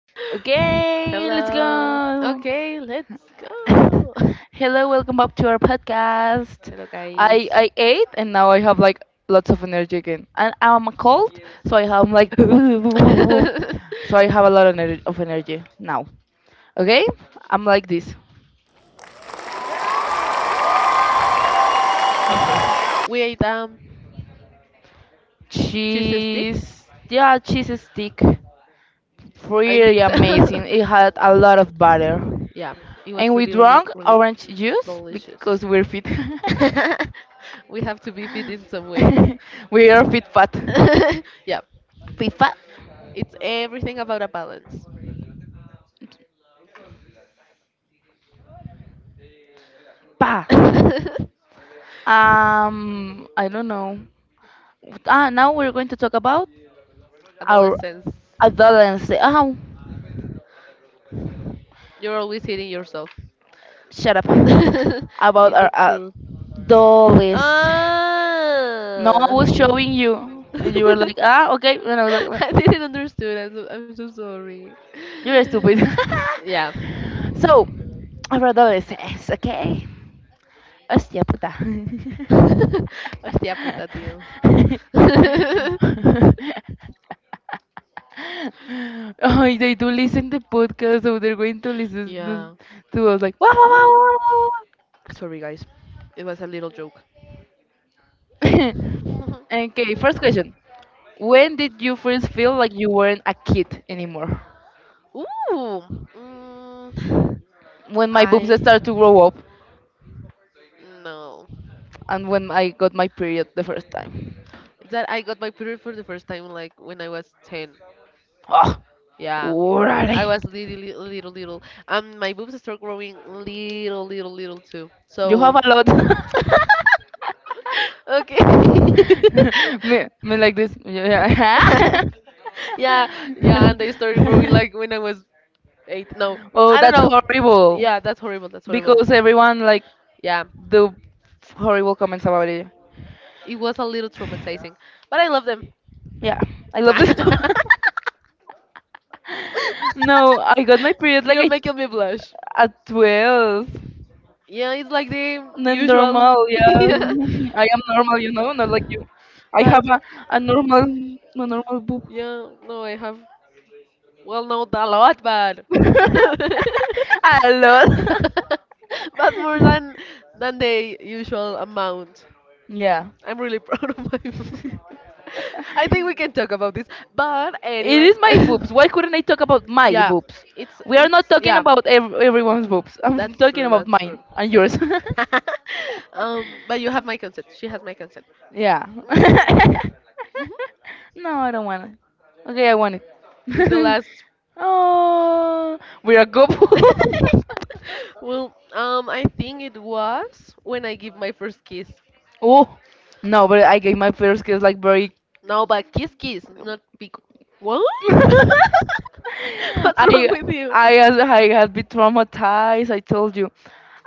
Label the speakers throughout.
Speaker 1: Okay, let's
Speaker 2: Hello.
Speaker 1: go.
Speaker 2: Okay, let's go.
Speaker 1: Hello, welcome back to our podcast.
Speaker 2: Hello,
Speaker 1: I
Speaker 2: guys.
Speaker 1: I ate, and now I have like lots of energy again. And I'm cold, so I have like so I have a lot of energy now. Okay, I'm like this.
Speaker 2: Of course, we ate cheese stick.
Speaker 1: Cheese, yeah, cheese stick,
Speaker 2: I
Speaker 1: really
Speaker 2: think so.
Speaker 1: amazing. It had a lot of butter,
Speaker 2: Yeah, it was
Speaker 1: and we
Speaker 2: really, really,
Speaker 1: drank
Speaker 2: really
Speaker 1: orange juice
Speaker 2: delicious.
Speaker 1: because we're fit.
Speaker 2: We have to be fit in some way.
Speaker 1: We are fit fat.
Speaker 2: Yeah,
Speaker 1: Fit fat.
Speaker 2: it's everything about a balance.
Speaker 1: Pa. I don't know. Now we're going to talk about our
Speaker 2: Adolescence.
Speaker 1: adolescence. Oh,
Speaker 2: You're always hitting yourself.
Speaker 1: shut up. About
Speaker 2: Is
Speaker 1: our
Speaker 2: it true?
Speaker 1: adolescence. No, I
Speaker 2: Ah.
Speaker 1: was showing you, and you were like, ah, okay. And I was like,
Speaker 2: I didn't understand. I'm so sorry.
Speaker 1: you're stupid.
Speaker 2: Yeah.
Speaker 1: So, our adolescence, okay? Hostia puta.
Speaker 2: Hostia puta, tío.
Speaker 1: Oh, they do listen to podcasts, so they're going to listen to
Speaker 2: Yeah.
Speaker 1: to us like, wow, wow, wow, wow, wow,
Speaker 2: Sorry, guys. It was a little joke.
Speaker 1: wow. Okay, first question. When did you first feel like you weren't a kid anymore?
Speaker 2: Ooh. Mm,
Speaker 1: When my boobs
Speaker 2: I
Speaker 1: started to grow up
Speaker 2: no.
Speaker 1: and when I got my period the first time.
Speaker 2: That I got my period for the first time like when I was 10. Yeah.
Speaker 1: Oh, alrighty.
Speaker 2: I was little, little, little, little. My boobs start growing little, little, little too.
Speaker 1: You have
Speaker 2: So,
Speaker 1: a lot.
Speaker 2: okay.
Speaker 1: Me like this. Yeah.
Speaker 2: yeah, yeah, and they started growing like when I was eight. No,
Speaker 1: Oh,
Speaker 2: I don't
Speaker 1: that's
Speaker 2: know.
Speaker 1: horrible.
Speaker 2: Yeah, that's horrible. That's horrible.
Speaker 1: Because everyone like
Speaker 2: Yeah,
Speaker 1: do horrible comments about it.
Speaker 2: it was a little traumatizing, but I love them.
Speaker 1: Yeah, I love this. no, I got my period like
Speaker 2: You're
Speaker 1: I,
Speaker 2: making me blush.
Speaker 1: at 12.
Speaker 2: Yeah, it's like the
Speaker 1: Then normal,
Speaker 2: usual.
Speaker 1: yeah.
Speaker 2: yeah,
Speaker 1: I am normal, you know, not like you. I
Speaker 2: but
Speaker 1: have a normal boob.
Speaker 2: yeah, no, I have. Well, no, not a lot, but
Speaker 1: A lot.
Speaker 2: but more than the usual amount.
Speaker 1: Yeah.
Speaker 2: I'm really proud of my food. I think we can talk about this. But
Speaker 1: It
Speaker 2: anyway,
Speaker 1: is my boobs. Why couldn't I talk about my
Speaker 2: yeah,
Speaker 1: boobs?
Speaker 2: it's
Speaker 1: We are not
Speaker 2: it's
Speaker 1: talking
Speaker 2: yeah,
Speaker 1: about everyone's boobs. I'm
Speaker 2: that's
Speaker 1: talking
Speaker 2: true,
Speaker 1: about
Speaker 2: that's true,
Speaker 1: mine and yours.
Speaker 2: that's true. But you have my consent. She has my consent.
Speaker 1: Yeah.
Speaker 2: Mm, mhm.
Speaker 1: No, I don't want it. Okay, I want
Speaker 2: It's the
Speaker 1: it.
Speaker 2: last.
Speaker 1: Oh, we are couple.
Speaker 2: Well, I think it was when I give my first kiss.
Speaker 1: Oh, no, but I gave my first kiss like very.
Speaker 2: No, but kiss kiss, not big. What? What's wrong
Speaker 1: I
Speaker 2: with you?
Speaker 1: I had been traumatized. I told you.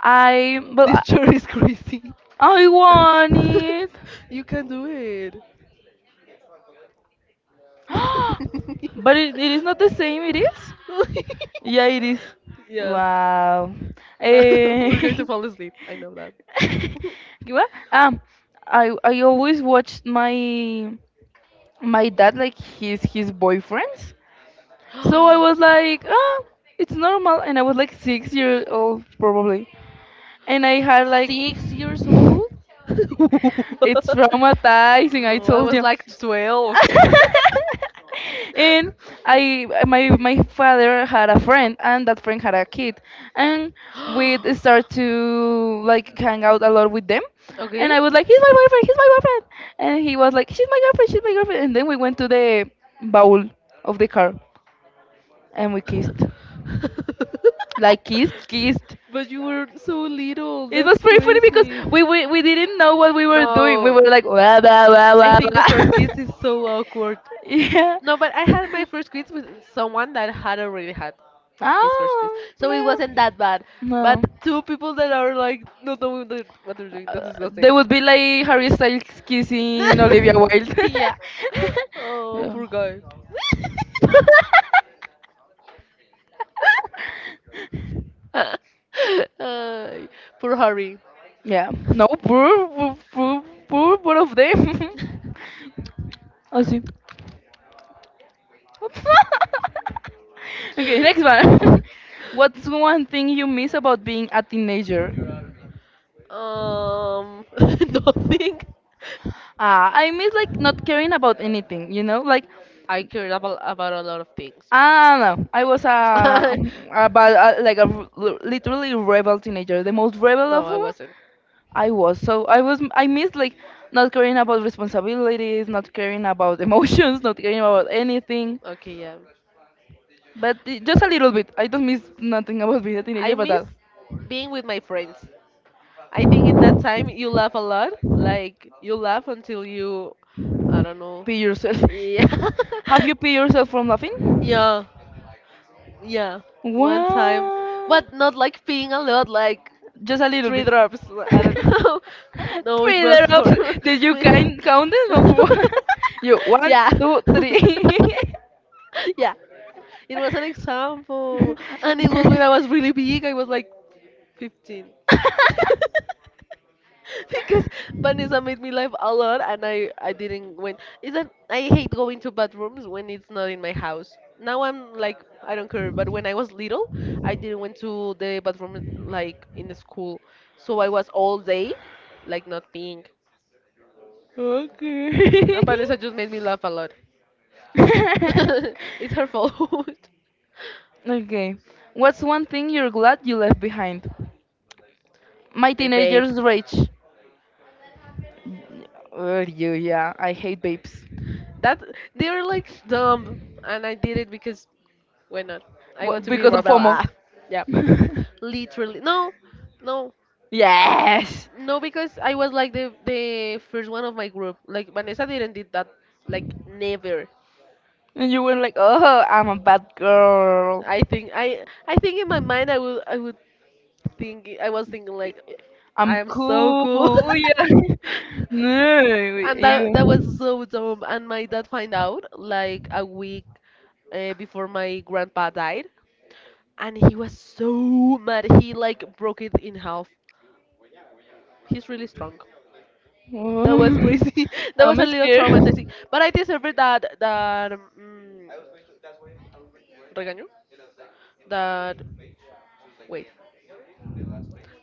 Speaker 1: I,
Speaker 2: This
Speaker 1: but
Speaker 2: chair is crazy.
Speaker 1: I want it.
Speaker 2: you can do it.
Speaker 1: But it is not the same, it is? Yeah, it is.
Speaker 2: yeah.
Speaker 1: Wow.
Speaker 2: No,
Speaker 1: Eh,
Speaker 2: we're going to fall asleep. I know
Speaker 1: what? I always watched my dad like his boyfriends. So I
Speaker 2: that.
Speaker 1: was like, ah, it's normal, and I was like 6 years old probably. And I had like
Speaker 2: 6 years old?
Speaker 1: it's traumatizing. I
Speaker 2: No, I
Speaker 1: told
Speaker 2: was
Speaker 1: you.
Speaker 2: like 12.
Speaker 1: And I my my father had a friend, and that friend had a kid, and we'd start to like hang out a lot with them.
Speaker 2: Okay.
Speaker 1: And I was like, he's my boyfriend, he's my boyfriend. And he was like, she's my girlfriend, she's my girlfriend. And then we went to the bowl of the car, and we kissed, like, kissed kissed.
Speaker 2: But you were so little,
Speaker 1: It was
Speaker 2: that's
Speaker 1: pretty funny because
Speaker 2: crazy.
Speaker 1: we didn't know what we were doing. We
Speaker 2: No,
Speaker 1: were like, wah, wah, wah,
Speaker 2: I
Speaker 1: wah,
Speaker 2: think the first
Speaker 1: wah.
Speaker 2: kiss is so awkward. No, but I
Speaker 1: Yeah.
Speaker 2: had my first kiss with someone that had already had his first kiss.
Speaker 1: Oh,
Speaker 2: So it wasn't
Speaker 1: no.
Speaker 2: that bad. But
Speaker 1: No.
Speaker 2: two people that are like not knowing the- what they're doing, that's
Speaker 1: Uh, they
Speaker 2: disgusting.
Speaker 1: would be like Harry Styles kissing Olivia Wilde.
Speaker 2: yeah. Oh,
Speaker 1: Yeah.
Speaker 2: poor guy. Ay, poor Harry.
Speaker 1: Yeah. No, poor, poor, poor, poor, both of them. Así. Okay, next one. What's one thing you miss about being a teenager?
Speaker 2: Um, nothing.
Speaker 1: I miss like not caring about anything, you know? Like,
Speaker 2: I cared about a lot of things.
Speaker 1: I don't know. I was a, a, ba- a like literally rebel teenager, the most rebel
Speaker 2: no,
Speaker 1: of
Speaker 2: I
Speaker 1: all.
Speaker 2: wasn't.
Speaker 1: I was. So I was. I missed like not caring about responsibilities, not caring about emotions, not caring about anything.
Speaker 2: Okay, yeah.
Speaker 1: But just a little bit. I don't miss nothing about being a
Speaker 2: I
Speaker 1: teenager, but
Speaker 2: miss
Speaker 1: that.
Speaker 2: being with my friends. I think in that time you laugh a lot. Like you laugh until you, I don't know.
Speaker 1: Pee yourself.
Speaker 2: Yeah,
Speaker 1: Have you pee yourself from laughing?
Speaker 2: yeah, yeah. One time,
Speaker 1: What?
Speaker 2: but not like peeing a lot, like
Speaker 1: Just a little
Speaker 2: three
Speaker 1: bit.
Speaker 2: drops. I
Speaker 1: Three
Speaker 2: don't know. No, it was
Speaker 1: drops.
Speaker 2: horrible.
Speaker 1: Did you kind count them? Or what? You one,
Speaker 2: Yeah,
Speaker 1: two, three.
Speaker 2: yeah. It was an example, and it was when I was really big. I was like 15. because Vanessa made me laugh a lot and I didn't win. Is that I hate going to bathrooms when it's not in my house. Now I'm like I don't care, but when I was little, I didn't went to the bathroom like in the school, so I was all day like not being. And
Speaker 1: Okay.
Speaker 2: Vanessa just made me laugh a lot. it's her fault.
Speaker 1: Okay. What's one thing you're glad you left behind? My
Speaker 2: the babe.
Speaker 1: teenager's rage. Oh, you, yeah. I hate babes.
Speaker 2: That they were like dumb, and I did it because why not? I want to be
Speaker 1: Because of
Speaker 2: rebel.
Speaker 1: FOMO.
Speaker 2: Ah, yeah, literally. No, no,
Speaker 1: Yes.
Speaker 2: no, because I was like the first one of my group. Like Vanessa didn't did that. Like never.
Speaker 1: And you were like, oh, I'm a bad girl.
Speaker 2: I think in my mind I would think I was thinking like I
Speaker 1: I'm
Speaker 2: am so
Speaker 1: cool.
Speaker 2: cool.
Speaker 1: Oh, yeah. No,
Speaker 2: And that was
Speaker 1: you.
Speaker 2: so dumb. And my dad find out like a week before my grandpa died, and he was so mad he like broke it in half, he's really strong. That was
Speaker 1: Oh,
Speaker 2: crazy. That was
Speaker 1: I'm
Speaker 2: a little
Speaker 1: scared.
Speaker 2: traumatizing, but I deserved that mm, regaño, that, wait,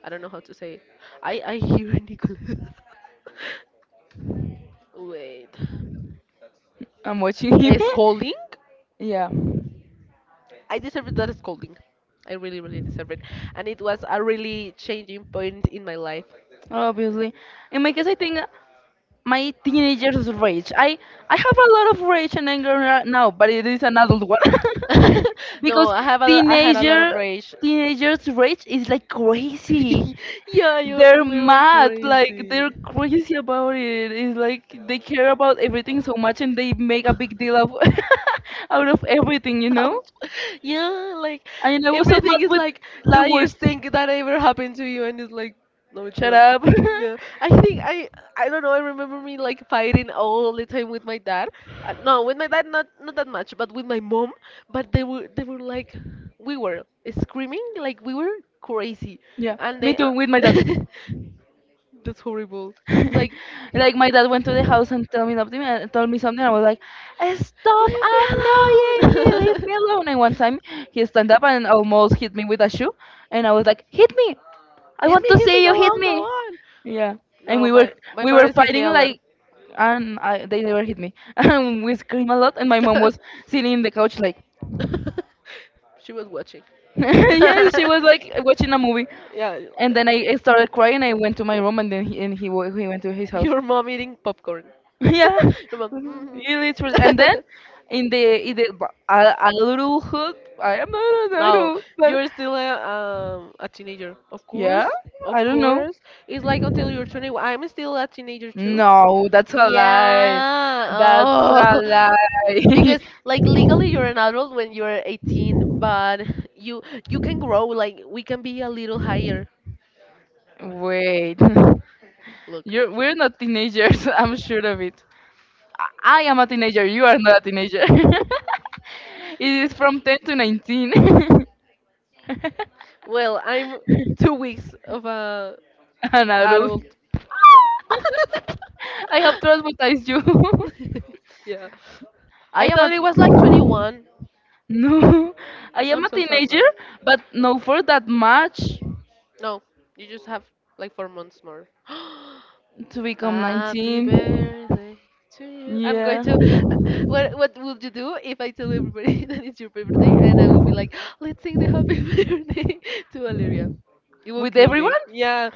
Speaker 2: I don't know how to say it. I hear Nicholas. Wait.
Speaker 1: I'm watching
Speaker 2: A
Speaker 1: him.
Speaker 2: scolding.
Speaker 1: Yeah,
Speaker 2: I deserved that scolding. I really really deserve it, and it was a really changing point in my life.
Speaker 1: obviously. In my case, I think, my teenager's rage. I have a lot of rage and anger right now, but it is an adult one
Speaker 2: No,
Speaker 1: because
Speaker 2: I I had a
Speaker 1: teenager
Speaker 2: lot of rage.
Speaker 1: teenagers rage is like crazy.
Speaker 2: Yeah, you,
Speaker 1: They're
Speaker 2: we were
Speaker 1: mad, like
Speaker 2: crazy.
Speaker 1: they're crazy about it. It's like they care about everything so much, and they make a big deal of out of everything, you know.
Speaker 2: Ouch. Yeah, like
Speaker 1: And I was so mad
Speaker 2: everything is
Speaker 1: with
Speaker 2: like the
Speaker 1: life.
Speaker 2: worst thing that ever happened to you, and it's like, no, it's
Speaker 1: Shut
Speaker 2: not.
Speaker 1: up.
Speaker 2: Yeah, I don't know. I remember me like fighting all the time with my dad. No, with my dad not that much, but with my mom. But they were like, we were screaming like we were crazy,
Speaker 1: Yeah,
Speaker 2: and
Speaker 1: me
Speaker 2: they.
Speaker 1: too. With my dad.
Speaker 2: That's horrible. It's like,
Speaker 1: Like, my dad went to the house and told me something, and told me something. I was like, stop
Speaker 2: leave me
Speaker 1: annoying me, leave
Speaker 2: alone.
Speaker 1: me alone. And one time he stand up and almost hit me with a shoe. And I was like, hit me, I want to
Speaker 2: Hit me,
Speaker 1: see you
Speaker 2: go
Speaker 1: hit
Speaker 2: on, go
Speaker 1: me,
Speaker 2: on.
Speaker 1: yeah. And
Speaker 2: No,
Speaker 1: we were
Speaker 2: my
Speaker 1: we were
Speaker 2: parents hit me
Speaker 1: fighting
Speaker 2: a lot.
Speaker 1: like. And I, they never hit me. And we screamed a lot, and my mom was sitting in the couch like
Speaker 2: she was watching.
Speaker 1: yeah, she was like watching a movie.
Speaker 2: yeah,
Speaker 1: And then I started crying. I went to my room, and then he, and he went to his house.
Speaker 2: your mom eating popcorn.
Speaker 1: Yeah,
Speaker 2: Your mom,
Speaker 1: you literally.
Speaker 2: "Mhm."
Speaker 1: And then in a little hood, I am not a
Speaker 2: no,
Speaker 1: little, but
Speaker 2: you're still a teenager. Of
Speaker 1: yeah,
Speaker 2: course, of
Speaker 1: I don't know.
Speaker 2: course. It's like until you're 21. I'm still a teenager too.
Speaker 1: No, that's a lie.
Speaker 2: Yeah.
Speaker 1: That's a
Speaker 2: Oh,
Speaker 1: lie.
Speaker 2: because like legally you're an adult when you're 18, but you you can grow like we can be a little higher.
Speaker 1: Wait,
Speaker 2: Look.
Speaker 1: you're we're not teenagers. I'm sure of it. I am a teenager. You are not a teenager. It is from 10 to 19.
Speaker 2: Well, I'm 2 weeks of a
Speaker 1: An adult.
Speaker 2: adult.
Speaker 1: I have traumatized you.
Speaker 2: yeah.
Speaker 1: I
Speaker 2: I
Speaker 1: am
Speaker 2: thought it was like
Speaker 1: a
Speaker 2: 21.
Speaker 1: No, I am
Speaker 2: I'm
Speaker 1: a
Speaker 2: so sad now.
Speaker 1: teenager, but not for that much
Speaker 2: No, you just have like 4 months more.
Speaker 1: to become 19.
Speaker 2: Happy birthday to you. I'm going
Speaker 1: Yeah,
Speaker 2: to. What would you do if I tell everybody that it's your birthday and I would be like, let's sing the happy birthday to Valeria? You will
Speaker 1: with
Speaker 2: kill
Speaker 1: everyone,
Speaker 2: me. Yeah.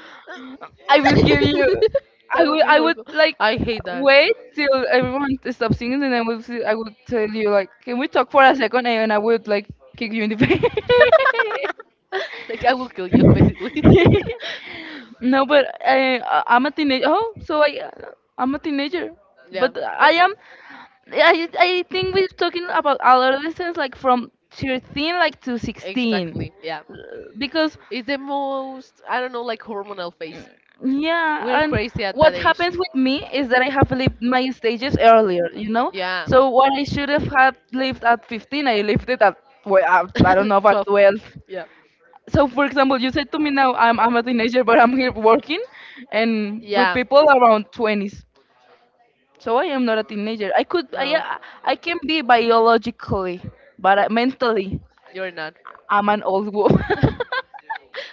Speaker 1: I will kill you. I
Speaker 2: That would
Speaker 1: will.
Speaker 2: be
Speaker 1: I would
Speaker 2: horrible.
Speaker 1: like
Speaker 2: I hate that.
Speaker 1: wait till everyone stops singing, and I will. I will tell you like, can we talk for a second? And I would like kick you in the face.
Speaker 2: Like I will kill you basically.
Speaker 1: No, but I'm a teenager. Oh, so I'm a teenager.
Speaker 2: Yeah,
Speaker 1: But
Speaker 2: but
Speaker 1: I am. I think we're talking about adolescence like from 13 like to 16.
Speaker 2: Exactly, yeah.
Speaker 1: Uh, because,
Speaker 2: It's the most, I don't know, like hormonal phase. We're
Speaker 1: yeah. And
Speaker 2: crazy at that
Speaker 1: what
Speaker 2: age.
Speaker 1: happens with me is that I have lived my stages earlier, you know.
Speaker 2: Yeah.
Speaker 1: So what I should have had lived at 15, I lived it at, well, I don't know, about
Speaker 2: 12.
Speaker 1: 12.
Speaker 2: Yeah.
Speaker 1: So for example, you said to me now I'm a teenager, but I'm here working and with
Speaker 2: Yeah.
Speaker 1: people around 20s. So I am not a teenager.
Speaker 2: No,
Speaker 1: I can be biologically, but I, mentally,
Speaker 2: you're not.
Speaker 1: I'm an old woman.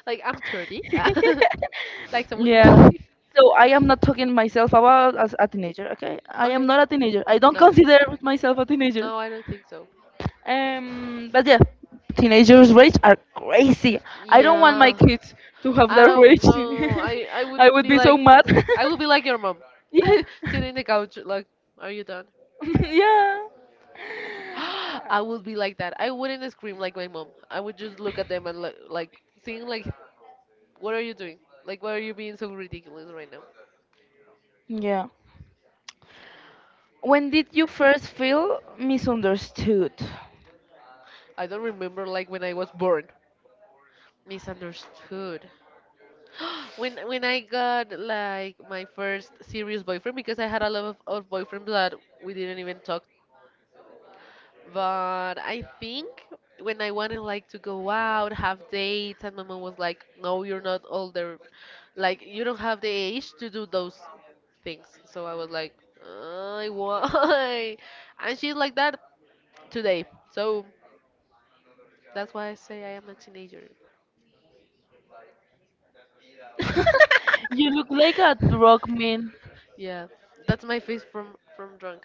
Speaker 2: like I'm 30. like someone he
Speaker 1: Yeah, so I am not talking myself about as a teenager. Okay, I am
Speaker 2: Okay.
Speaker 1: not a teenager, I don't
Speaker 2: No.
Speaker 1: consider myself a teenager.
Speaker 2: No, I don't think so.
Speaker 1: But yeah, teenagers' rage are crazy. I don't want my
Speaker 2: Yeah.
Speaker 1: kids to have
Speaker 2: I
Speaker 1: that rage.
Speaker 2: don't know. I would
Speaker 1: I would
Speaker 2: be
Speaker 1: be so
Speaker 2: like
Speaker 1: mad.
Speaker 2: I would be like your mom.
Speaker 1: Yeah,
Speaker 2: Sitting in the couch like, are you done?
Speaker 1: yeah,
Speaker 2: I would be like that. I wouldn't scream like my mom. I would just look at them and li like seeing like what are you doing? Like why are you being so ridiculous right now?
Speaker 1: yeah. When did you first feel misunderstood?
Speaker 2: I don't remember like when I was born. Misunderstood. when I got like my first serious boyfriend because I had a lot of boyfriends that we didn't even talk. But I think when I wanted like to go out, have dates, and my mom was like, "No, you're not older. Like you don't have the age to do those things." So I was like, "I why?" And she's like that today. So that's why I say I am a teenager.
Speaker 1: You look like a drug man.
Speaker 2: yeah, that's my face from drunk.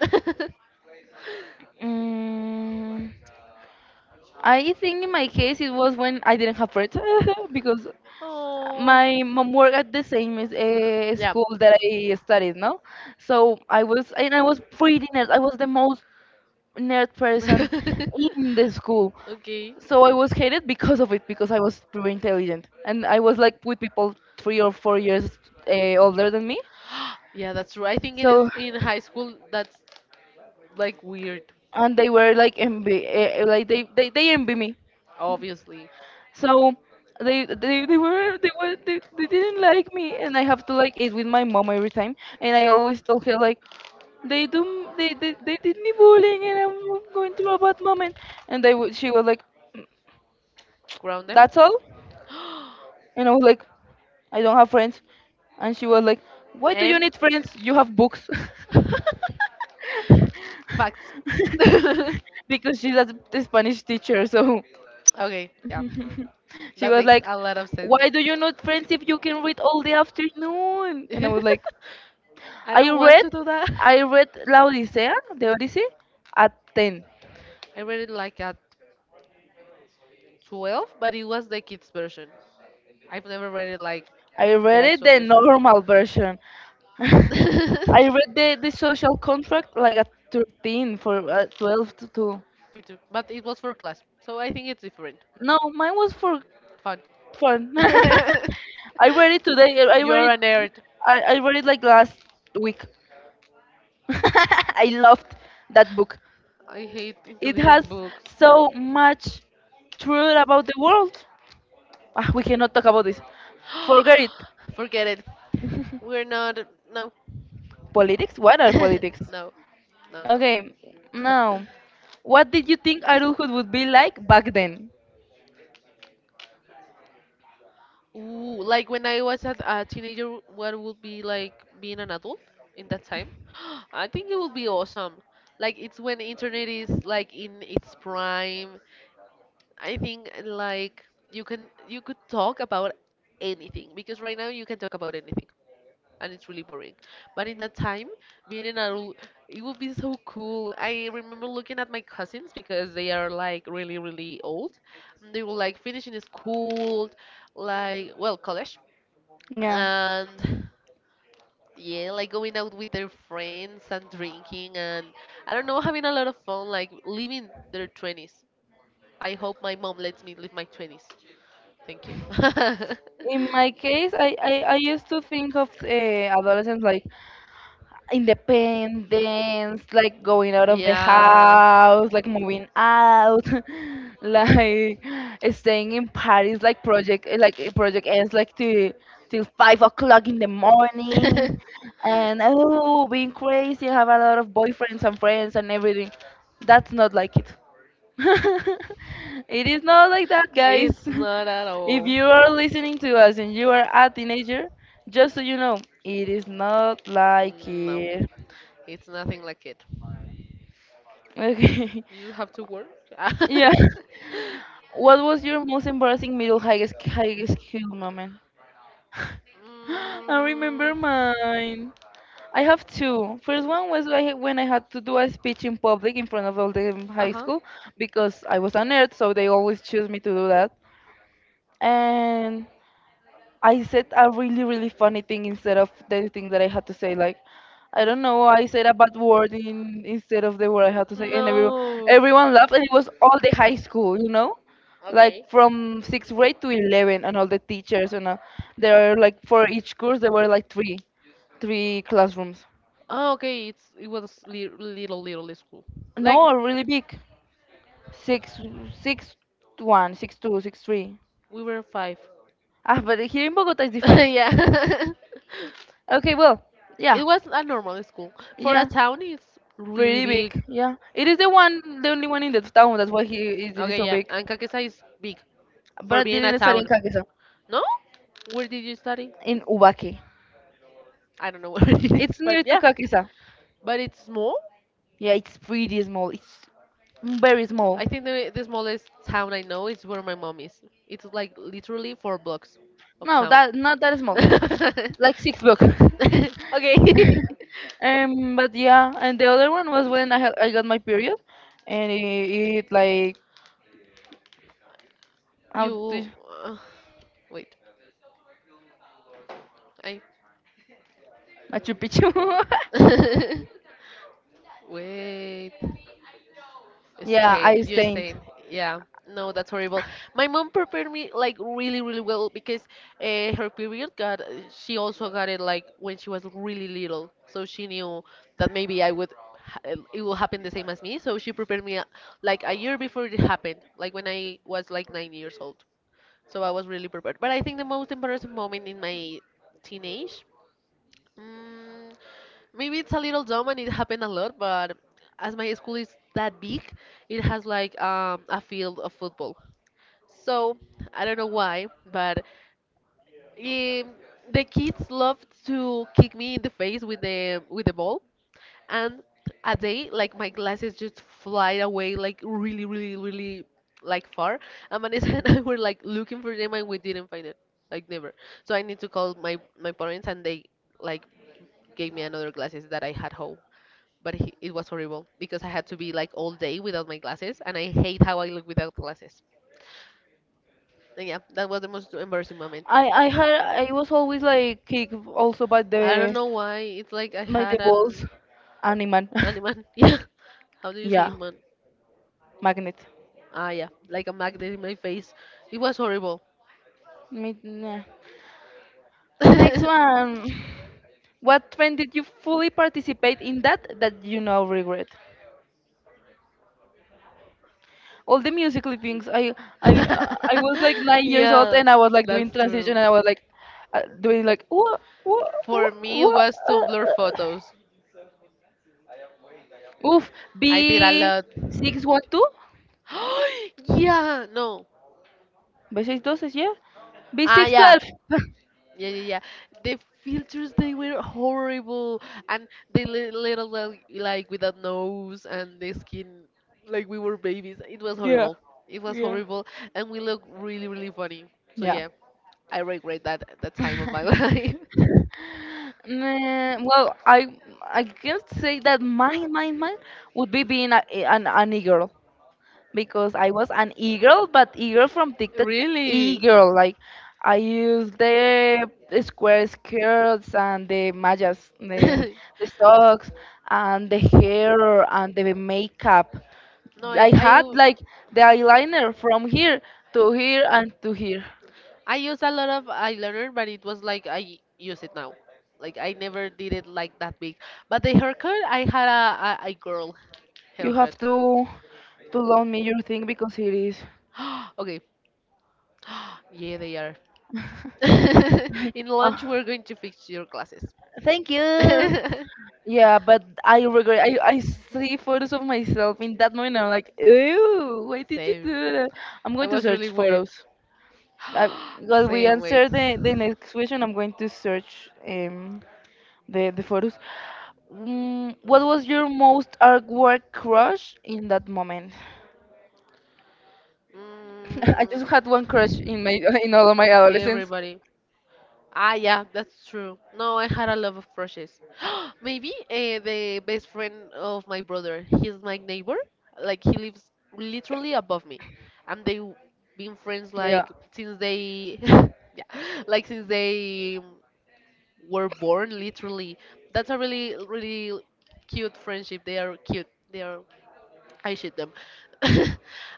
Speaker 1: Mm. I think in my case it was when I didn't have friends because
Speaker 2: oh.
Speaker 1: my mom worked at the same as,
Speaker 2: Yeah.
Speaker 1: school that I studied, no? So I was, and I was pretty nerd. I was the most nerd person in the school.
Speaker 2: okay.
Speaker 1: So I was hated because of it, because I was pretty intelligent and I was like with people 3 or 4 years older than me.
Speaker 2: yeah, that's true. I think in
Speaker 1: So,
Speaker 2: in high school that's like weird,
Speaker 1: and they were like envy, like they envy me.
Speaker 2: obviously.
Speaker 1: So they didn't like me, and I have to like eat with my mom every time. And I always told her like, they do they did me bullying, and I'm going through a bad moment. And she was like,
Speaker 2: Ground them?
Speaker 1: that's all. And I was like, I don't have friends. And she was like, why do you
Speaker 2: and
Speaker 1: need friends, you have books.
Speaker 2: facts.
Speaker 1: Because she's a Spanish teacher. So
Speaker 2: okay, yeah,
Speaker 1: she
Speaker 2: that
Speaker 1: was
Speaker 2: makes
Speaker 1: like,
Speaker 2: a lot of sense.
Speaker 1: why do you not friends if you can read all the afternoon? And I was like,
Speaker 2: I
Speaker 1: I
Speaker 2: don't want
Speaker 1: read
Speaker 2: to do that.
Speaker 1: I read La Odisea, the Odyssey, at 10.
Speaker 2: I read it like at 12, but it was the kids version. I've never read it like
Speaker 1: I
Speaker 2: the
Speaker 1: read it
Speaker 2: actual
Speaker 1: the
Speaker 2: version.
Speaker 1: normal version. I read the social contract like at 13 for 12 to two.
Speaker 2: Me too. But it was for class, so I think it's different.
Speaker 1: No, mine was for
Speaker 2: Fun.
Speaker 1: fun. I read it today. I I
Speaker 2: You're
Speaker 1: read
Speaker 2: a
Speaker 1: it
Speaker 2: nerd.
Speaker 1: I, I read it like last week. I loved that book.
Speaker 2: I hate
Speaker 1: It has
Speaker 2: intelligent books.
Speaker 1: so much truth about the world. Ah, we cannot talk about this. Forget it.
Speaker 2: Forget it. We're not. No.
Speaker 1: Politics? What are politics?
Speaker 2: no. No, no.
Speaker 1: Okay, now, what did you think adulthood would be like back then?
Speaker 2: Ooh, like when I was at a teenager, what would be like being an adult in that time? I think it would be awesome. Like it's when internet is like in its prime. I think like you could talk about anything because right now you can talk about anything and it's really boring. But in that time, being an adult, it would be so cool. I remember looking at my cousins because they are like really really old. They were like finishing school, like well college
Speaker 1: Yeah.
Speaker 2: and yeah, like going out with their friends and drinking and I don't know, having a lot of fun, like living their 20s. I hope my mom lets me live my 20s. Thank you.
Speaker 1: In my case, I used to think of adolescence like independence, like going out of the
Speaker 2: Yeah.
Speaker 1: house, like moving out, like staying in Paris, like project ends like till 5 o'clock in the morning. And oh, being crazy, have a lot of boyfriends and friends and everything. That's not like it. It is not like that,
Speaker 2: It's
Speaker 1: guys.
Speaker 2: not at
Speaker 1: If
Speaker 2: all.
Speaker 1: you are listening to us and you are a teenager, just so you know, it is not like
Speaker 2: No,
Speaker 1: it.
Speaker 2: it's nothing like it.
Speaker 1: Okay.
Speaker 2: You just have to work.
Speaker 1: Yeah. What was your most embarrassing middle high, high school moment? I
Speaker 2: Mm,
Speaker 1: remember mine. I have two. First one was when I had to do a speech in public in front of all the high
Speaker 2: uh-huh.
Speaker 1: school because I was a nerd, so they always choose me to do that. And I said a really, really funny thing instead of the thing that I had to say. Like, I don't know, I said a bad word instead of the word I had to say, and everyone,
Speaker 2: No.
Speaker 1: everyone laughed, and it was all the high school,
Speaker 2: Okay.
Speaker 1: like from sixth grade to 11, and all the teachers, and there are like for each course there were like three classrooms.
Speaker 2: Oh, okay, it's it was li little little school. Like
Speaker 1: No, really big, six, 6-1, 6-2, 6-3.
Speaker 2: we were five.
Speaker 1: Ah, but here in Bogota is different.
Speaker 2: Yeah.
Speaker 1: Okay, well, yeah,
Speaker 2: It was a normal school. For a
Speaker 1: yeah.
Speaker 2: town, it's really
Speaker 1: Pretty
Speaker 2: big.
Speaker 1: big, yeah. It is the one, the only one in the town. That's why it is
Speaker 2: Okay,
Speaker 1: so
Speaker 2: yeah,
Speaker 1: big.
Speaker 2: and Kankesa is big
Speaker 1: But
Speaker 2: for
Speaker 1: I
Speaker 2: being a
Speaker 1: didn't study in
Speaker 2: town.
Speaker 1: Kakisa,
Speaker 2: No? Where did you study?
Speaker 1: in Ubaki.
Speaker 2: I don't know where it is,
Speaker 1: It's
Speaker 2: but
Speaker 1: near to
Speaker 2: yeah.
Speaker 1: Kakisa.
Speaker 2: But it's small.
Speaker 1: Yeah, it's pretty small. It's very small.
Speaker 2: I think the smallest town I know is where my mom is. It's like literally 4 blocks of
Speaker 1: No,
Speaker 2: town.
Speaker 1: that not that small. Like six block.
Speaker 2: okay.
Speaker 1: But yeah, and the other one was when I got my period, and it like how do
Speaker 2: you.
Speaker 1: you,
Speaker 2: Uh, wait. I.
Speaker 1: Machu Picchu.
Speaker 2: wait.
Speaker 1: Yeah,
Speaker 2: Stain,
Speaker 1: I
Speaker 2: you
Speaker 1: stained.
Speaker 2: stain. Yeah. No, that's horrible. My mom prepared me like really, really well because her period got, she also got it like when she was really little. So she knew that maybe I would, ha- it will happen the same as me. So she prepared me like a year before it happened, like when I was like 9 years old. So I was really prepared. But I think the most embarrassing moment in my teenage… Mm, maybe it's a little dumb and it happened a lot, but as my school is that big, it has like a field of football. So I don't know why, but um, the kids love to kick me in the face with the ball, and a day like my glasses just fly away like really, really, really like far. And Vanessa and I were like looking for them and we didn't find it, like never. So I need to call my parents and they like gave me another glasses that I had home. But he, it was horrible because I had to be like all day without my glasses, and I hate how I look without glasses. And yeah, that was the most embarrassing moment.
Speaker 1: I was always like kicked also
Speaker 2: I don't know why. It's like I
Speaker 1: by the
Speaker 2: had
Speaker 1: balls animal.
Speaker 2: an iman. Yeah. How do you say
Speaker 1: Yeah,
Speaker 2: iman?
Speaker 1: magnet.
Speaker 2: Ah, yeah. Like a magnet in my face. It was horrible.
Speaker 1: Me, nah. Next one. What trend did you fully participate in that you now regret? All the musical things. I was like 9 years old
Speaker 2: Yeah,
Speaker 1: and I was like
Speaker 2: that's
Speaker 1: doing
Speaker 2: true.
Speaker 1: transition and I was like doing like what what
Speaker 2: For me, it
Speaker 1: what.
Speaker 2: was Tumblr
Speaker 1: Uh, uh.
Speaker 2: photos.
Speaker 1: Oof,
Speaker 2: I did a
Speaker 1: B
Speaker 2: lot.
Speaker 1: 612.
Speaker 2: Yeah, no.
Speaker 1: B6 doses, yeah.
Speaker 2: Ah,
Speaker 1: B6
Speaker 2: yeah. Yeah, yeah, yeah. The filters, they were horrible. And the little, like, without nose and the skin, like, we were babies. It was
Speaker 1: Yeah,
Speaker 2: horrible. It was
Speaker 1: yeah.
Speaker 2: horrible. And we look really, really funny. So,
Speaker 1: Yeah.
Speaker 2: yeah, I regret that, that time of my life.
Speaker 1: Mm, well, I can say that my mine would be being an e-girl, because I was an e-girl, but e-girl from TikTok,
Speaker 2: Really?
Speaker 1: e-girl. Like I used the square skirts and the mallas, the the socks and the hair and the makeup.
Speaker 2: No, I,
Speaker 1: I had
Speaker 2: I.
Speaker 1: like the eyeliner from here to here and to here.
Speaker 2: I use a lot of eyeliner, but it was like I use it now. Like I never did it like that big. But the haircut, I had a girl
Speaker 1: You
Speaker 2: haircut.
Speaker 1: have to loan me your thing because it is.
Speaker 2: Okay. Yeah, they are. In
Speaker 1: Oh,
Speaker 2: lunch, we're going to fix your glasses.
Speaker 1: thank you. Yeah, but I regret. I see photos of myself in that moment. I'm like, ew, why did you
Speaker 2: Same.
Speaker 1: do that? I'm
Speaker 2: I
Speaker 1: going to
Speaker 2: was really
Speaker 1: search
Speaker 2: weird.
Speaker 1: photos. I, while we
Speaker 2: Same, wait.
Speaker 1: answer the next question, I'm going to search the photos. Mm, what was your most artwork crush in that moment? I just had one crush
Speaker 2: Mm,
Speaker 1: in my in all of my adolescence.
Speaker 2: everybody. Ah, yeah, that's true. No, I had a lot of crushes. Maybe the best friend of my brother. He's my neighbor. Like he lives literally above me, and been friends
Speaker 1: Yeah,
Speaker 2: like since they, yeah, like since they were born. Literally, that's a really, really cute friendship. They are cute. They are… I shoot them.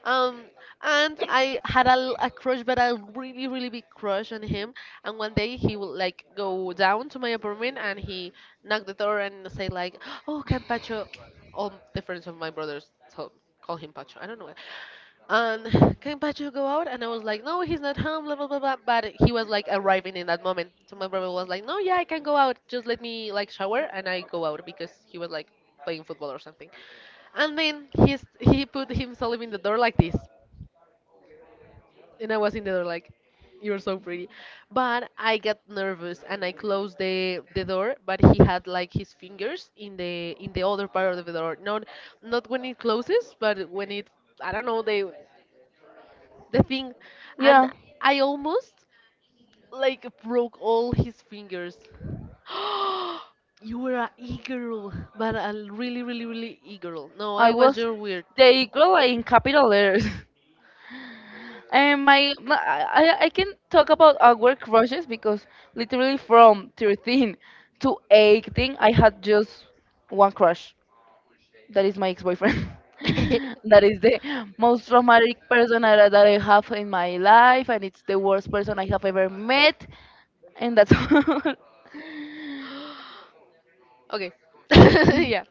Speaker 2: um, and I had a crush, but a really, really big crush on him. And one day he would like go down to my apartment and he knocked the door and say like, "Oh, can Pacho?" All the friends of my brothers told, call him Pacho. I don't know why. And can Pacho go out? And I was like, no, he's not home, blah, blah, blah, blah. But he was like arriving in that moment. So my brother was like, no, yeah, I can go out. Just let me like shower. And I go out because he was like playing football or something. And then he put himself in the door like this, and I was in the door like, "You're so pretty," but I got nervous and I closed the door. But he had like his fingers in the other part of the door. Not not when it closes, but when it… I don't know the thing, and
Speaker 1: yeah,
Speaker 2: I almost like broke all his fingers. You were a e-girl, but a really, really, really e-girl. No,
Speaker 1: I
Speaker 2: I was
Speaker 1: was
Speaker 2: your weird.
Speaker 1: the girl in capital letters. And my I can talk about awkward crushes because literally from 13 to 18, I had just one crush. That is my ex-boyfriend. That is the most traumatic person that I have in my life, and it's the worst person I have ever met. And that's all.
Speaker 2: Okay. Yeah.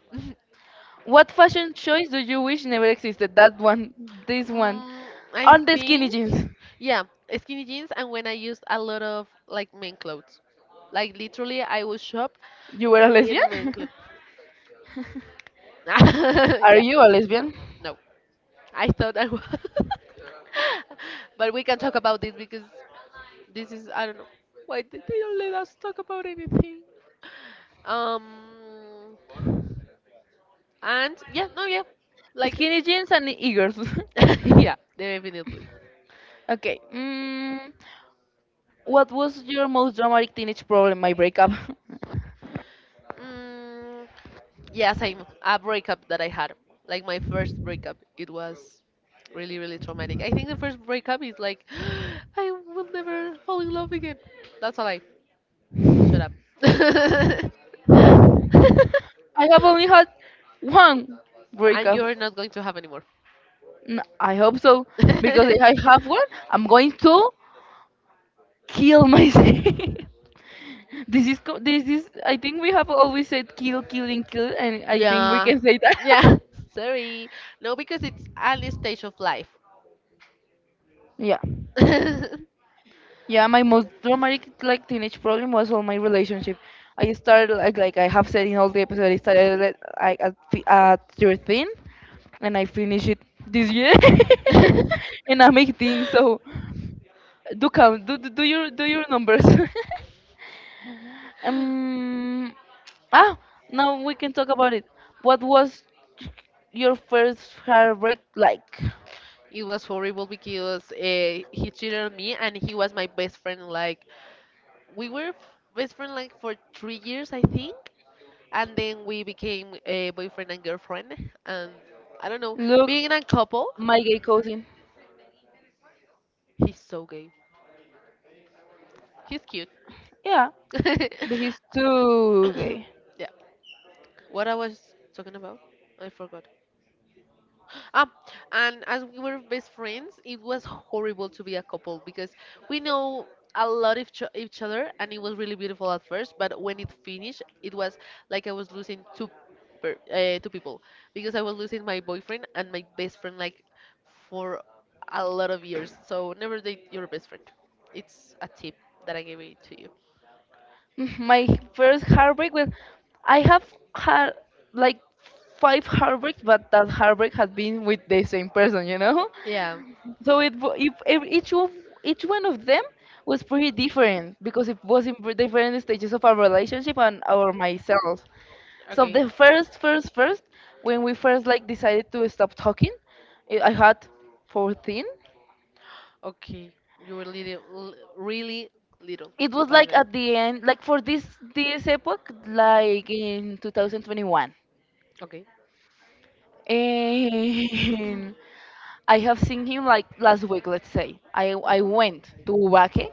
Speaker 1: What fashion choice do you wish never existed? That one, this one,
Speaker 2: Mm, I
Speaker 1: on the skinny
Speaker 2: think,
Speaker 1: jeans.
Speaker 2: yeah, skinny jeans, and when I used a lot of like men clothes, like literally, I would shop
Speaker 1: You were a lesbian?
Speaker 2: in men clothes.
Speaker 1: Are
Speaker 2: Yeah.
Speaker 1: you a lesbian?
Speaker 2: No, I thought I was. But we can talk about this because this is… I don't know why did they don't let us talk about anything. Um, and yeah, no, yeah, like…
Speaker 1: Skinny jeans and eagles.
Speaker 2: yeah, definitely.
Speaker 1: Okay. Mm, what was your most dramatic teenage problem? My breakup.
Speaker 2: Mm, yeah, same. A breakup that I had, like my first breakup, it was really really traumatic. I think the first breakup is like, I will never fall in love again. That's a lie. Shut up.
Speaker 1: I have only had one
Speaker 2: And
Speaker 1: breakup.
Speaker 2: you're not going to have any more.
Speaker 1: I hope so, because if I have one, I'm going to kill myself. This is this is. I think we have always said kill, killing, kill, and I think we
Speaker 2: Yeah.
Speaker 1: can say that.
Speaker 2: Yeah. Sorry. No, because it's an stage of life.
Speaker 1: Yeah. Yeah, my most dramatic like teenage problem was all my relationship. I started like I have said in all the episode, I started at 13, and I finished it this year,
Speaker 2: Yeah.
Speaker 1: and I'm 18. So do count, do your numbers. um, ah, Now we can talk about it. What was your first heartbreak like?
Speaker 2: It was horrible because he cheated on me and he was my best friend. Like, we were f- best friend like for 3 years, I think. And then we became a boyfriend and girlfriend. And I don't know,
Speaker 1: Look,
Speaker 2: being in a couple,
Speaker 1: my gay cousin.
Speaker 2: he's so gay. He's cute.
Speaker 1: Yeah, but he's too gay.
Speaker 2: Yeah. What I was talking about, I forgot. Ah, and as we were best friends, it was horrible to be a couple because we know a lot of each other, and it was really beautiful at first. But when it finished, it was like I was losing two, two people because I was losing my boyfriend and my best friend like for a lot of years. So never date your best friend. It's a tip that I gave it to you.
Speaker 1: Mhm. My first heartbreak was I have had like five heartbreaks, but that heartbreak has been with the same person.
Speaker 2: Yeah.
Speaker 1: So it wa- if ev- each of each one of them was pretty different because it was in different stages of our relationship and our myself. So
Speaker 2: Okay.
Speaker 1: the first, when we first like decided to stop talking, I had 14.
Speaker 2: Okay, you were little, really little
Speaker 1: It was
Speaker 2: by
Speaker 1: like
Speaker 2: then.
Speaker 1: at the end like for this epoch like in 2021.
Speaker 2: Okay.
Speaker 1: And I have seen him like last week, let's say. I
Speaker 2: Mhm.
Speaker 1: went to Ubaque,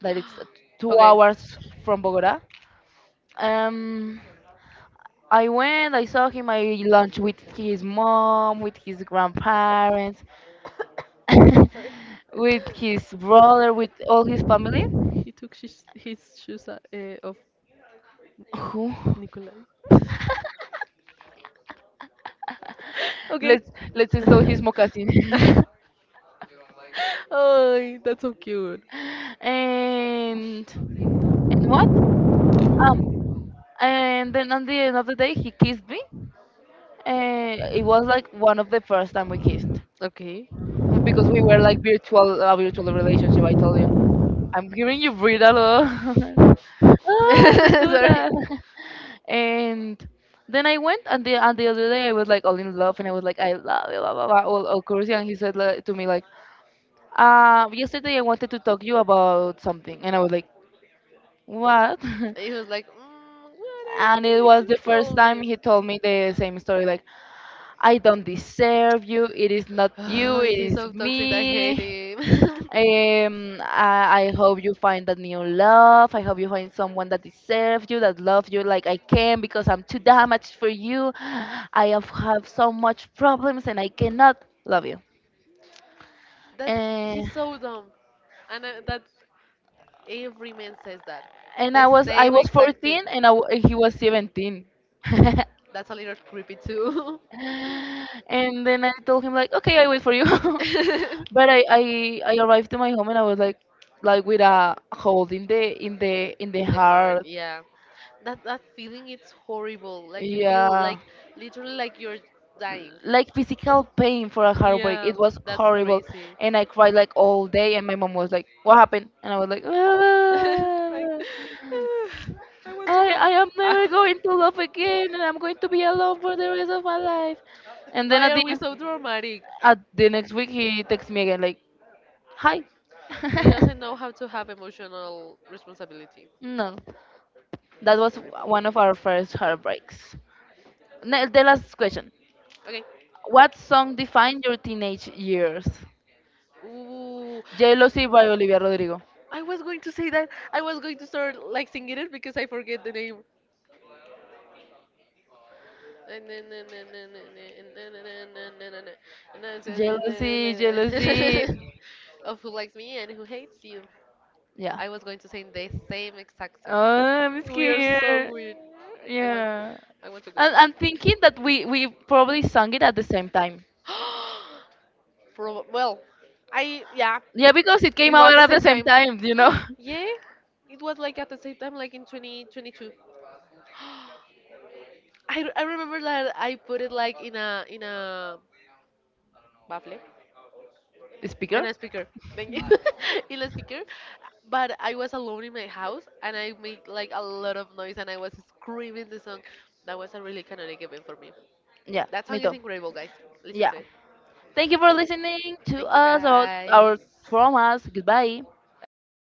Speaker 1: that it's two
Speaker 2: Okay.
Speaker 1: hours from Bogota. Um, I went, I saw him, I lunch with his mom, with his grandparents,
Speaker 2: Sorry.
Speaker 1: with his brother, with all his family.
Speaker 2: He took his shoes off.
Speaker 1: Who?
Speaker 2: Nikolai. Okay.
Speaker 1: Let's install his moccasin.
Speaker 2: Oh, that's so cute.
Speaker 1: and and what? Um, and then on the end of the day, he kissed me. It was like one of the first time we kissed
Speaker 2: Okay.
Speaker 1: because we were like virtual, a virtual relationship. I told you, I'm hearing you breathe a lot. Don't do
Speaker 2: Sorry.
Speaker 1: that. And then I went, and the other day I was like all in love, and I was like, I love you, blah blah blah, all crazy. And he said like, to me like, yesterday I wanted to talk to you about something, and I was like, what?
Speaker 2: He was like, mm, what are
Speaker 1: And
Speaker 2: you
Speaker 1: it
Speaker 2: going
Speaker 1: was
Speaker 2: to
Speaker 1: the first
Speaker 2: tell
Speaker 1: time
Speaker 2: me?
Speaker 1: he told me the same story like I don't deserve you. It is not you.
Speaker 2: Oh,
Speaker 1: It
Speaker 2: he's
Speaker 1: is
Speaker 2: so toxic. I
Speaker 1: me.
Speaker 2: hate him.
Speaker 1: I hope you find a new love. I hope you find someone that deserves you, that loves you like I can, because I'm too damaged for you. I have so much problems and I cannot love you.
Speaker 2: That
Speaker 1: And
Speaker 2: he's so dumb, and that every man says that.
Speaker 1: and
Speaker 2: The
Speaker 1: I
Speaker 2: same
Speaker 1: was
Speaker 2: exact thing.
Speaker 1: 14 and he was 17.
Speaker 2: That's a little creepy too.
Speaker 1: And then I told him like, okay, I wait for you.
Speaker 2: In
Speaker 1: But I arrived to my home and I was like with a hold in the
Speaker 2: the heart,
Speaker 1: heart.
Speaker 2: yeah. That feeling it's horrible. Like you feel
Speaker 1: Yeah.
Speaker 2: like literally like you're dying.
Speaker 1: Like physical pain for a heartbreak.
Speaker 2: Yeah,
Speaker 1: It was
Speaker 2: that's
Speaker 1: horrible.
Speaker 2: crazy.
Speaker 1: And I cried like all day and my mom was like, what happened? And I was like,
Speaker 2: Like
Speaker 1: "Ah,
Speaker 2: I want to
Speaker 1: I
Speaker 2: die.
Speaker 1: I am
Speaker 2: Ah,
Speaker 1: never going to love again and I'm going to be alone for the rest of my life." And then
Speaker 2: why
Speaker 1: at
Speaker 2: are
Speaker 1: the
Speaker 2: we so dramatic?
Speaker 1: at the next week he texts me again like, hi.
Speaker 2: He doesn't know how to have emotional responsibility.
Speaker 1: No,
Speaker 2: He's
Speaker 1: that was
Speaker 2: terrible.
Speaker 1: one of our first heartbreaks. The last question.
Speaker 2: Okay.
Speaker 1: What song defined your teenage years?
Speaker 2: Ooh.
Speaker 1: Jealousy by Olivia Rodrigo.
Speaker 2: I was going to say that. I was going to start like singing it because I forget the name.
Speaker 1: Jealousy, jealousy.
Speaker 2: Of who likes me and who hates you.
Speaker 1: Yeah.
Speaker 2: I was going to sing the same exact song.
Speaker 1: Oh, I'm
Speaker 2: We are so
Speaker 1: scared.
Speaker 2: weird. I want,
Speaker 1: Yeah.
Speaker 2: I want to go.
Speaker 1: And I'm thinking that we probably sung it at the same time.
Speaker 2: Prob- well, I… yeah.
Speaker 1: Yeah, because it came
Speaker 2: It
Speaker 1: out
Speaker 2: was the
Speaker 1: at the
Speaker 2: same
Speaker 1: same
Speaker 2: time.
Speaker 1: time, you know?
Speaker 2: Yeah, it was like at the same time, like in 2022. I remember that I put it like in a Baffle.
Speaker 1: The
Speaker 2: In
Speaker 1: speaker?
Speaker 2: a speaker. Thank you. In a speaker. But I was alone in my house and I made like a lot of noise and I was screaming the song. That was a really canonic event for me.
Speaker 1: Yeah,
Speaker 2: That
Speaker 1: me
Speaker 2: song is
Speaker 1: too.
Speaker 2: incredible guys. Listen
Speaker 1: Yeah.
Speaker 2: to it.
Speaker 1: Thank you for listening to
Speaker 2: Thank you
Speaker 1: us about
Speaker 2: guys.
Speaker 1: our traumas. Goodbye.
Speaker 2: Bye.